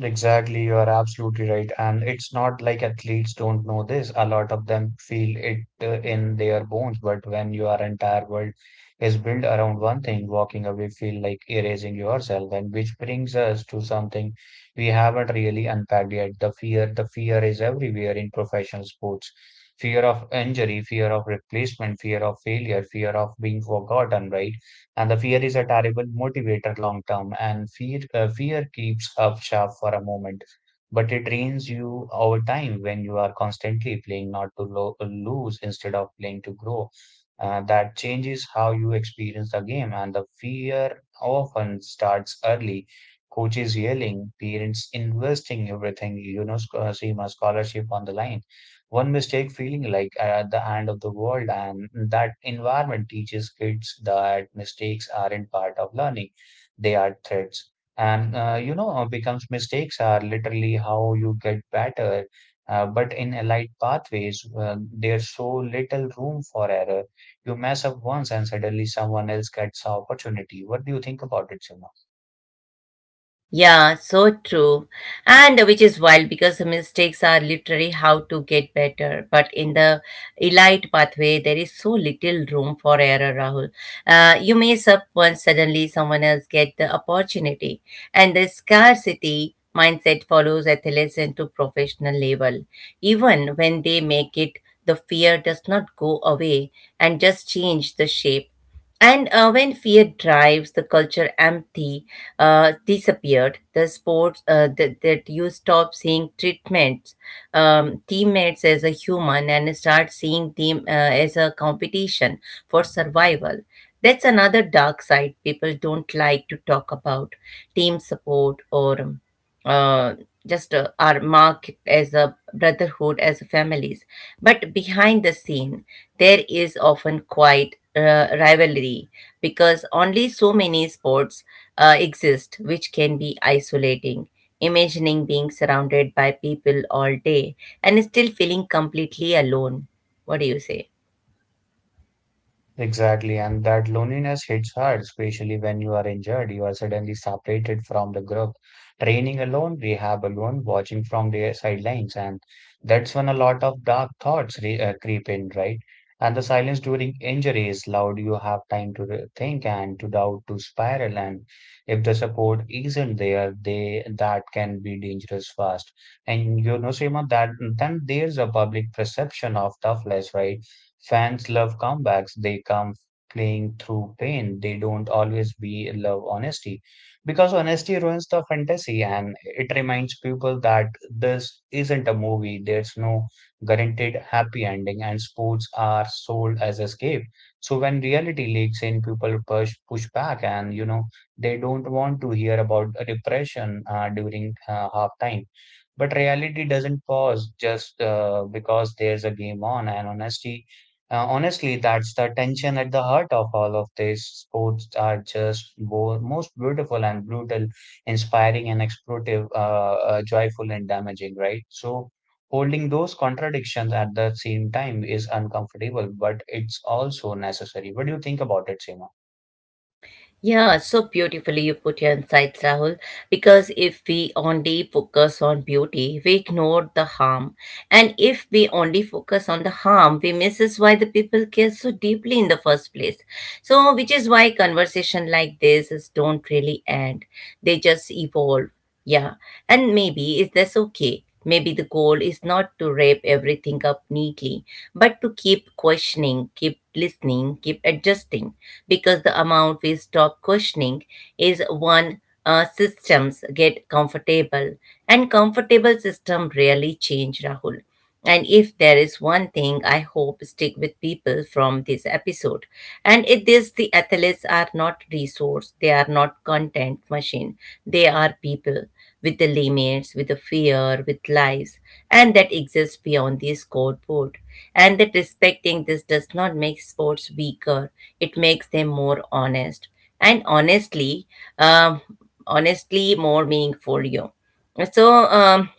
Exactly, you are absolutely right. And it's not like athletes don't know this. A lot of them feel it in their bones. But when your entire world is built around one thing, walking away feel like erasing yourself. And which brings us to something we haven't really unpacked yet. The fear is everywhere in professional sports. Fear of injury, fear of replacement, fear of failure, fear of being forgotten, right? And the fear is a terrible motivator long term, and fear keeps up sharp for a moment, but it drains you over time when you are constantly playing not to lose instead of playing to grow. That changes how you experience the game, and the fear often starts early. Coaches yelling, parents investing everything, you know, seem a scholarship on the line, one mistake feeling like at the end of the world. And that environment teaches kids that mistakes aren't part of learning, they are threats. And becomes mistakes are literally how you get better. But in allied pathways, there's so little room for error. You mess up once and suddenly someone else gets the opportunity. What do you think about it, Simon? Yeah, so true. And which is wild because the mistakes are literally how to get better. But in the elite pathway, there is so little room for error, Rahul. You mess up once, suddenly someone else get the opportunity. And the scarcity mindset follows athletes into professional level. Even when they make it, the fear does not go away and just change the shape. And when fear drives the culture empty, disappeared, the sports that you stop seeing treatments, teammates as a human and start seeing them as a competition for survival. That's another dark side people don't like to talk about team support or uh, just are marked as a brotherhood, as families, but behind the scene there is often quite rivalry, because only so many sports exist, which can be isolating. Imagining being surrounded by people all day and still feeling completely alone. What do you say? Exactly, and that loneliness hits hard, especially when you are injured. You are suddenly separated from the group, training alone, rehab alone, watching from the sidelines, and that's when a lot of dark thoughts re creep in, right? And the silence during injury is loud. You have time to think and to doubt, to spiral, and if the support isn't there, they that can be dangerous fast. And you know, Seema, that then there's a public perception of toughness, right? Fans love comebacks. They come playing through pain. They don't always be love honesty, because honesty ruins the fantasy and it reminds people that this isn't a movie. There's no guaranteed happy ending, and sports are sold as escape. So when reality leaks in, people push back, and you know, they don't want to hear about depression during halftime. But reality doesn't pause just because there's a game on, and honesty honestly, that's the tension at the heart of all of this. Sports are just bo most beautiful and brutal, inspiring and exploitive, joyful and damaging, right? So, holding those contradictions at the same time is uncomfortable, but it's also necessary. What do you think about it, Seema? Yeah, so beautifully you put your insights, Rahul. Because if we only focus on beauty, we ignore the harm. And if we only focus on the harm, we miss why the people care so deeply in the first place. So, which is why conversation like this is don't really end. They just evolve. Yeah. And maybe is that's okay. Maybe the goal is not to wrap everything up neatly, but to keep questioning, keep listening, keep adjusting, because the amount we stop questioning is one systems get comfortable, and comfortable system rarely change, Rahul. And if there is one thing I hope stick with people from this episode, and it is the athletes are not resource, they are not content machine, they are people with the limits, with the fear, with lives, and that exists beyond this scoreboard. And that respecting this does not make sports weaker, it makes them more honest. And honestly, um, honestly more meaningful you. So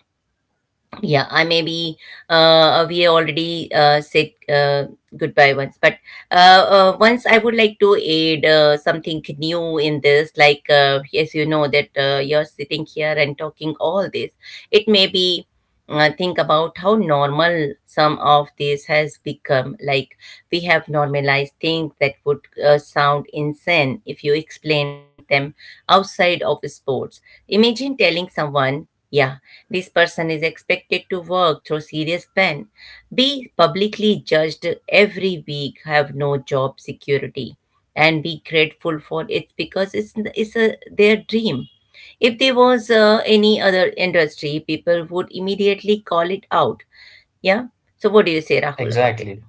yeah, I maybe we already said goodbye once, but uh, once I would like to add something new in this, like yes, you know that you're sitting here and talking all this, it may be think about how normal some of this has become. Like, we have normalized things that would sound insane if you explained them outside of sports. Imagine telling someone, yeah, this person is expected to work through serious pain, be publicly judged every week, have no job security, and be grateful for it because it's, their dream. If there was any other industry, people would immediately call it out. Yeah. So, what do you say, Rahul, about it? Exactly.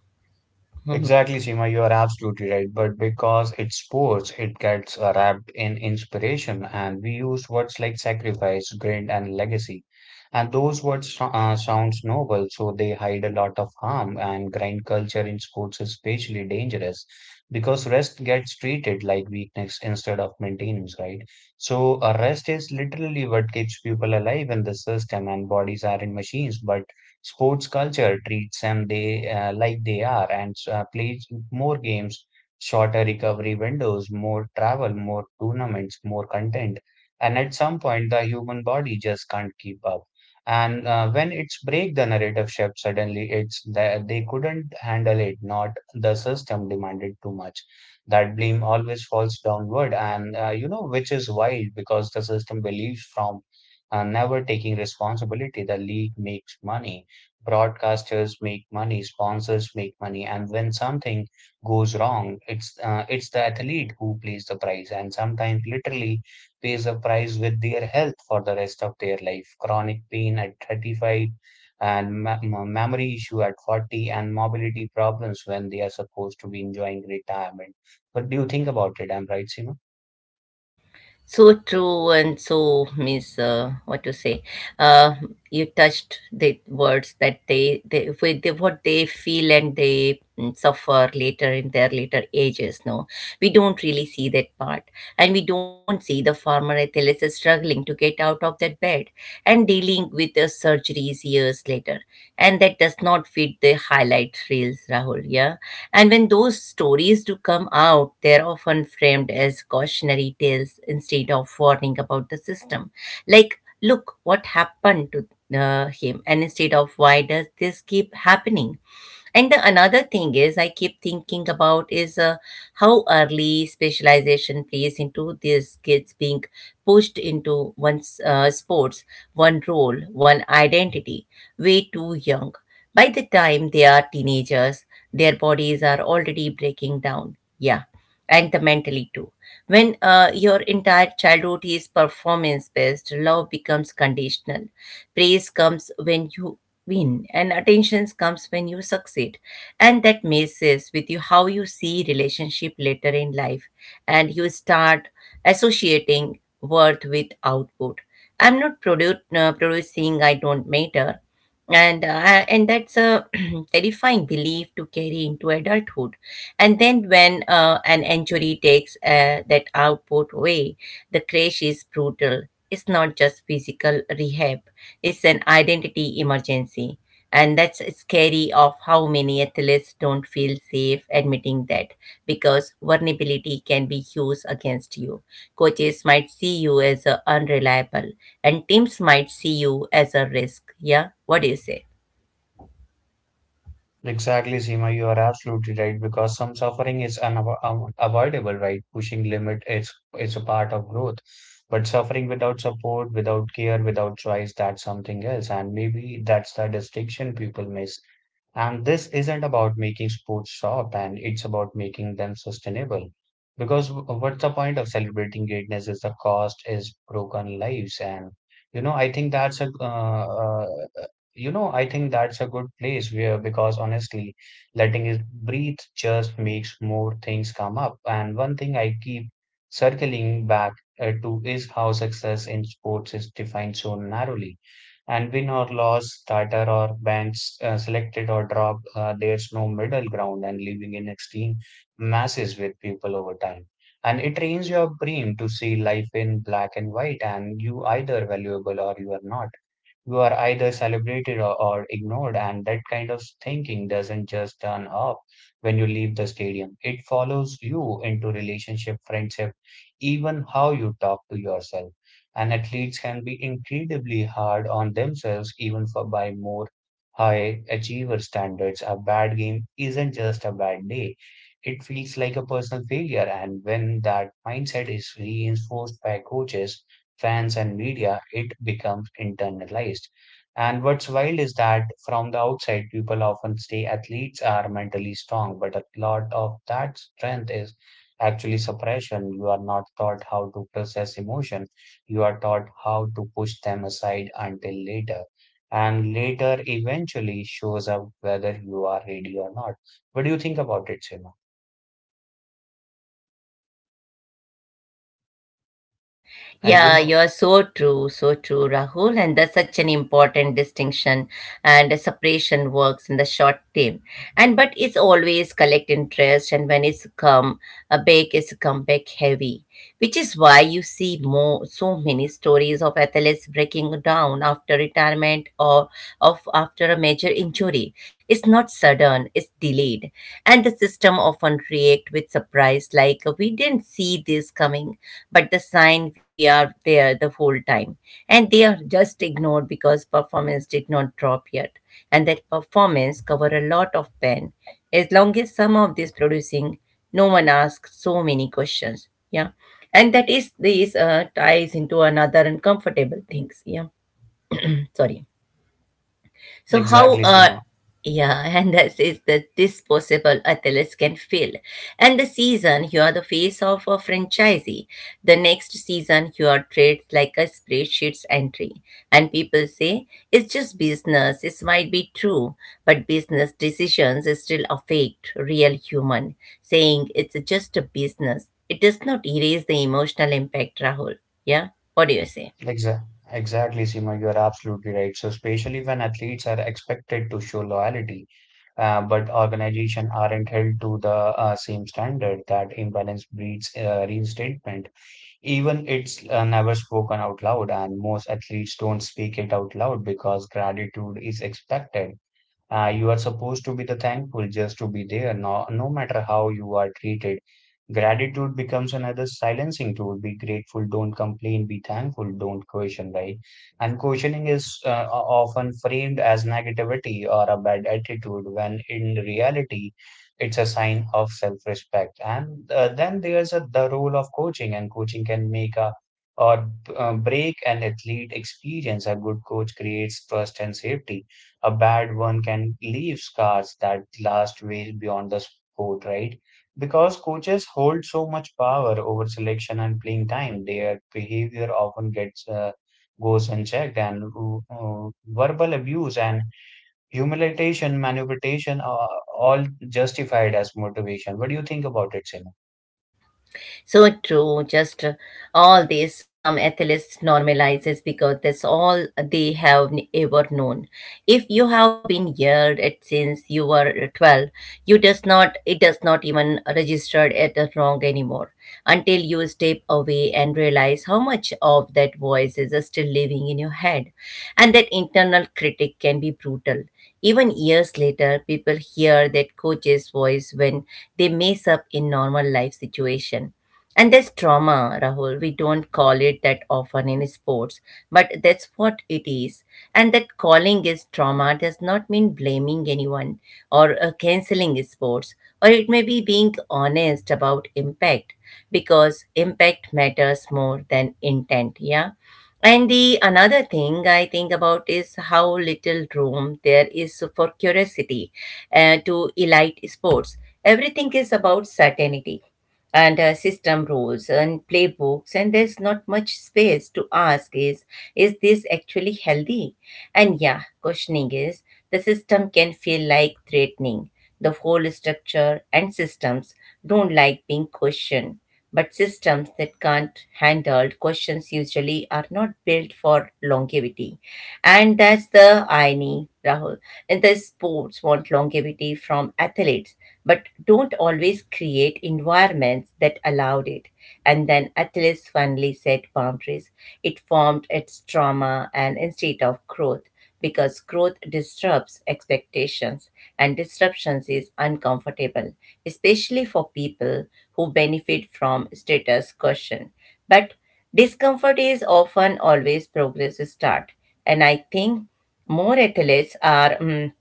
Exactly, Seema, you are absolutely right. But because it's sports, it gets wrapped in inspiration, and we use words like sacrifice, grit, and legacy. And those words sounds noble, so they hide a lot of harm. And grind culture in sports is especially dangerous because rest gets treated like weakness instead of maintenance, right? So rest is literally what keeps people alive in the system, and bodies aren't machines, but sports culture treats them they like they are, and plays more games, shorter recovery windows, more travel, more tournaments, more content. And at some point, the human body just can't keep up. And when it's break, the narrative shift suddenly, it's that they couldn't handle it. Not the system demanded too much. That blame always falls downward, and you know, which is wild because the system believes from never taking responsibility. The league makes money, broadcasters make money, sponsors make money, and when something goes wrong, it's the athlete who pays the price, and sometimes literally pays the price with their health for the rest of their life. Chronic pain at 35, and memory issue at 40, and mobility problems when they are supposed to be enjoying retirement. What do you think about it? I'm right, Seema? So true, and so means what to say. uh, you touched the words that they with the, what they feel and they, mm, suffer later in their later ages, no. We don't really see that part, and we don't see the farmer athelus is struggling to get out of that bed and dealing with the surgeries years later. And that does not fit the highlight reels, Rahul, yeah. And when those stories do come out, they're often framed as cautionary tales instead of warning about the system. Like, look what happened to him, and instead of why does this keep happening? And the another thing is, I keep thinking about is how early specialization plays into these kids being pushed into one sports, one role, one identity, way too young. By the time they are teenagers, their bodies are already breaking down. Yeah, and the mentally too. When your entire childhood is performance based, love becomes conditional. Praise comes when you win, and attention comes when you succeed, and that messes with you how you see relationship later in life. And you start associating worth with output. I'm not producing, I don't matter. And that's a terrifying belief to carry into adulthood. And then when an injury takes that output away, the crash is brutal. It's not just physical rehab, is an identity emergency. And that's scary of how many athletes don't feel safe admitting that because vulnerability can be used against you. Coaches might see you as a unreliable, and teams might see you as a risk. Yeah, what do you say? Exactly, Seema, you are absolutely right because some suffering is unavoidable, right? Pushing limit is a part of growth, but suffering without support, without care, without choice, that's something else, and maybe that's the distinction people miss. And this isn't about making sports stop, and it's about making them sustainable. Because what's the point of celebrating greatness if the cost is broken lives? And you know, I think that's a You know, I think that's a good place where, because honestly, letting it breathe just makes more things come up. And one thing I keep circling back to is how success in sports is defined so narrowly, and win or loss, Tata or banks, selected or dropped, there's no middle ground, and living in extreme masses with people over time. And it trains your brain to see life in black and white, and you either valuable or you are not. You are either celebrated or ignored, and that kind of thinking doesn't just turn off when you leave the stadium. It follows you into relationship, friendship, even how you talk to yourself. And athletes can be incredibly hard on themselves, even for by more high achiever standards. A bad game isn't just a bad day, it feels like a personal failure, and when that mindset is reinforced by coaches, fans and media, it becomes internalized. And what's wild is that from the outside, people often say athletes are mentally strong, but a lot of that strength is actually suppression. You are not taught how to process emotion, you are taught how to push them aside until later, and later eventually shows up whether you are ready or not. What do you think about it, Seema? And you Yeah, know, you're so true, Rahul. And that's such an important distinction. And a separation works in the short term. And but it's always collect interest, and when it's come a big, it's come back heavy, which is why you see more so many stories of athletes breaking down after retirement or of after a major injury. It's not sudden; it's delayed, and the system often react with surprise, like we didn't see this coming, but the sign we are there the whole time, and they are just ignored because performance did not drop yet. And that performance cover a lot of pain. As long as some of this producing, no one asks so many questions, yeah. And that is this ties into another uncomfortable things, yeah. Sorry, so how exactly, Seema. yeah, and that is the disposable Atlas can feel. And the season you are the face of a franchisee. The next season you are treated like a spreadsheet's entry. And people say it's just business. It might be true, but business decisions still affect real human. Saying it's just a business. It does not erase the emotional impact, Rahul. Yeah? What do you say? Exa exactly, Seema. You are absolutely right. So, especially when athletes are expected to show loyalty, but organizations aren't held to the same standard, that imbalance breeds reinstatement. Even it's never spoken out loud, and most athletes don't speak it out loud because gratitude is expected. You are supposed to be the thankful just to be there, no, no matter how you are treated. Gratitude becomes another silencing tool. Be grateful, don't complain, be thankful, don't question, right? And questioning is often framed as negativity or a bad attitude, when in reality, it's a sign of self-respect. And then there's a, the role of coaching, and coaching can make a or break an athlete experience. A good coach creates trust and safety, a bad one can leave scars that last way beyond the sport, right? Because coaches hold so much power over selection and playing time, their behavior often gets goes unchecked, and verbal abuse and humiliation, manipulation are all justified as motivation. What do you think about it, Simon? So true, just all this some athletes normalizes because that's all they have ever known. If you have been yelled at since you were 12, you does not it does not even registered at the wrong anymore until you step away and realize how much of that voice is still living in your head. And that internal critic can be brutal. Even years later, people hear that coach's voice when they mess up in normal life situation, and there's trauma, Rahul. We don't call it that often in sports, but that's what it is. And that calling is trauma does not mean blaming anyone or canceling sports, or it may be being honest about impact, because impact matters more than intent. Yeah. And the another thing I think about is how little room there is for curiosity to elite sports. Everything is about certainty and system rules and playbooks, and there's not much space to ask, is this actually healthy? And yeah, questioning is the system can feel like threatening the whole structure. And systems don't like being questioned, but systems that can't handle questions usually are not built for longevity. And that's the irony, Rahul. And the sports want longevity from athletes, but don't always create environments that allowed it. And then athletes finally set boundaries. It formed its trauma and instead of growth, because growth disrupts expectations, and disruptions is uncomfortable, especially for people who benefit from status question. But discomfort is often always progress start. And I think more athletes are, mm,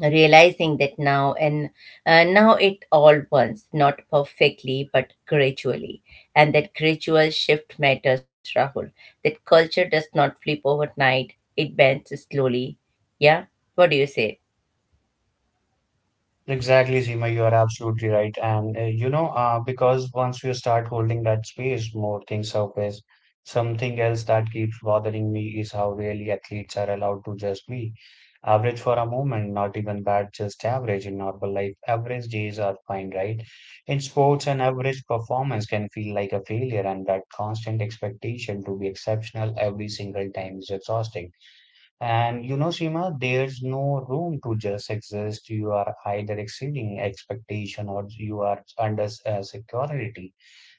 realizing that now, and now it all once, not perfectly, but gradually. And that gradual shift matters, Rahul. That culture does not flip overnight, it bends slowly. Yeah? What do you say? Exactly, Seema, you are absolutely right. And because once you start holding that space, more things surface. Something else that keeps bothering me is how really athletes are allowed to just be average for a moment, not even bad, just average in normal life. Average days are fine, right? In sports, an average performance can feel like a failure, and that constant expectation to be exceptional every single time is exhausting. And you know, Seema, there's no room to just exist. You are either exceeding expectation or you are under security.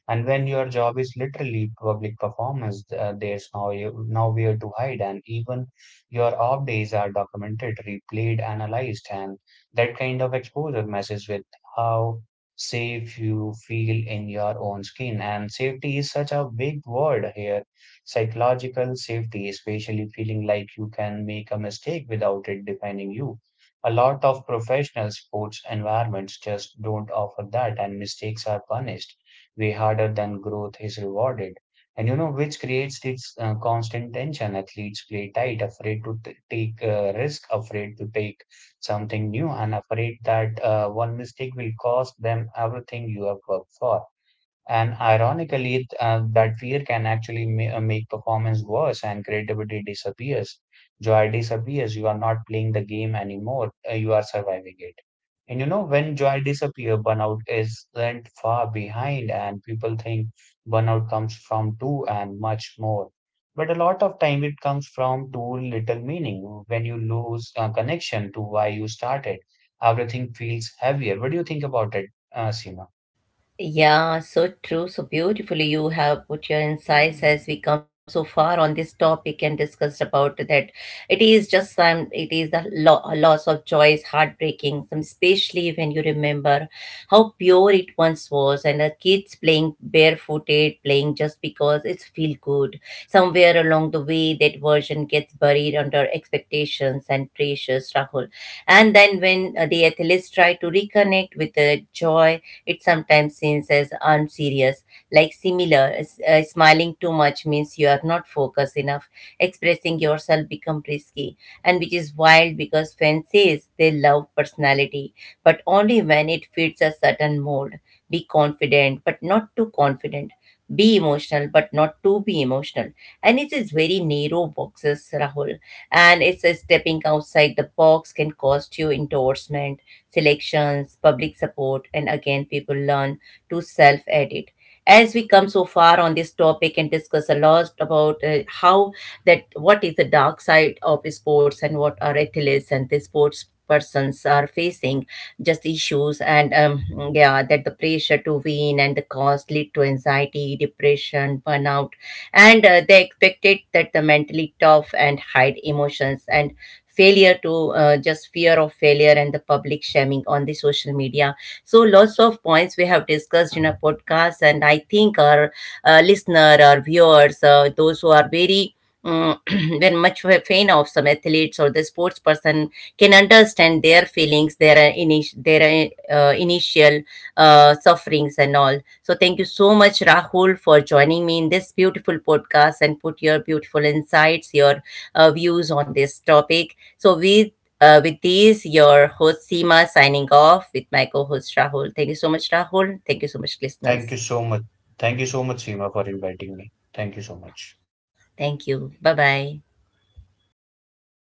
And when your job is literally public performance, there's nowhere to hide, and even your off days are documented, replayed, analyzed, and that kind of exposure messes with how safe you feel in your own skin. And safety is such a big word here. Psychological safety, especially feeling like you can make a mistake without it defining you. A lot of professional sports environments just don't offer that, and mistakes are punished way harder than growth is rewarded. And you know, which creates this constant tension. Athletes play tight, afraid to take risk, afraid to take something new, and afraid that one mistake will cost them everything you have worked for. And ironically, that fear can actually make performance worse, and creativity disappears. Joy disappears. You are not playing the game anymore. You are surviving it. And you know, when joy disappears, burnout is left far behind, and people think burnout comes from too and much more. But a lot of time it comes from too little meaning. When you lose connection to why you started, everything feels heavier. What do you think about it, Seema? Yeah, so true, so beautifully you have put your insights as we come so far on this topic and discussed about that. It is just some, it is the loss of joy is heartbreaking, some especially when you remember how pure it once was, and the kids playing barefooted, playing just because it's feel good. Somewhere along the way, that version gets buried under expectations and pressures, Rahul. And then when the athletes try to reconnect with the joy, it sometimes seems as unserious, like similar. Smiling too much means you are not focused enough. Expressing yourself become risky, and which is wild because fans says they love personality, but only when it fits a certain mold. Be confident, but not too confident. Be emotional, but not too be emotional. And it is very narrow boxes, Rahul, and it's a stepping outside the box can cost you endorsement, selections, public support. And again, people learn to self edit. As we come so far on this topic and discuss a lot about how that what is the dark side of sports and what are athletes and the sports persons are facing, just issues. And yeah, that the pressure to win and the cost lead to anxiety, depression, burnout, and they expected that the mentally tough and hide emotions, and failure to just fear of failure and the public shaming on the social media. So lots of points we have discussed in a podcast, and I think our listener, our viewers, those who are very um, very much a fan of some athletes or the sports person can understand their feelings, their their initial sufferings and all. So thank you so much, Rahul, for joining me in this beautiful podcast and put your beautiful insights, your views on this topic. So with these, your host Seema signing off with my co-host Rahul. Thank you so much, Rahul. Thank you so much, Thank you listeners. so much. Thank you so much, Seema, for inviting me. Thank you so much. Thank you. Bye bye.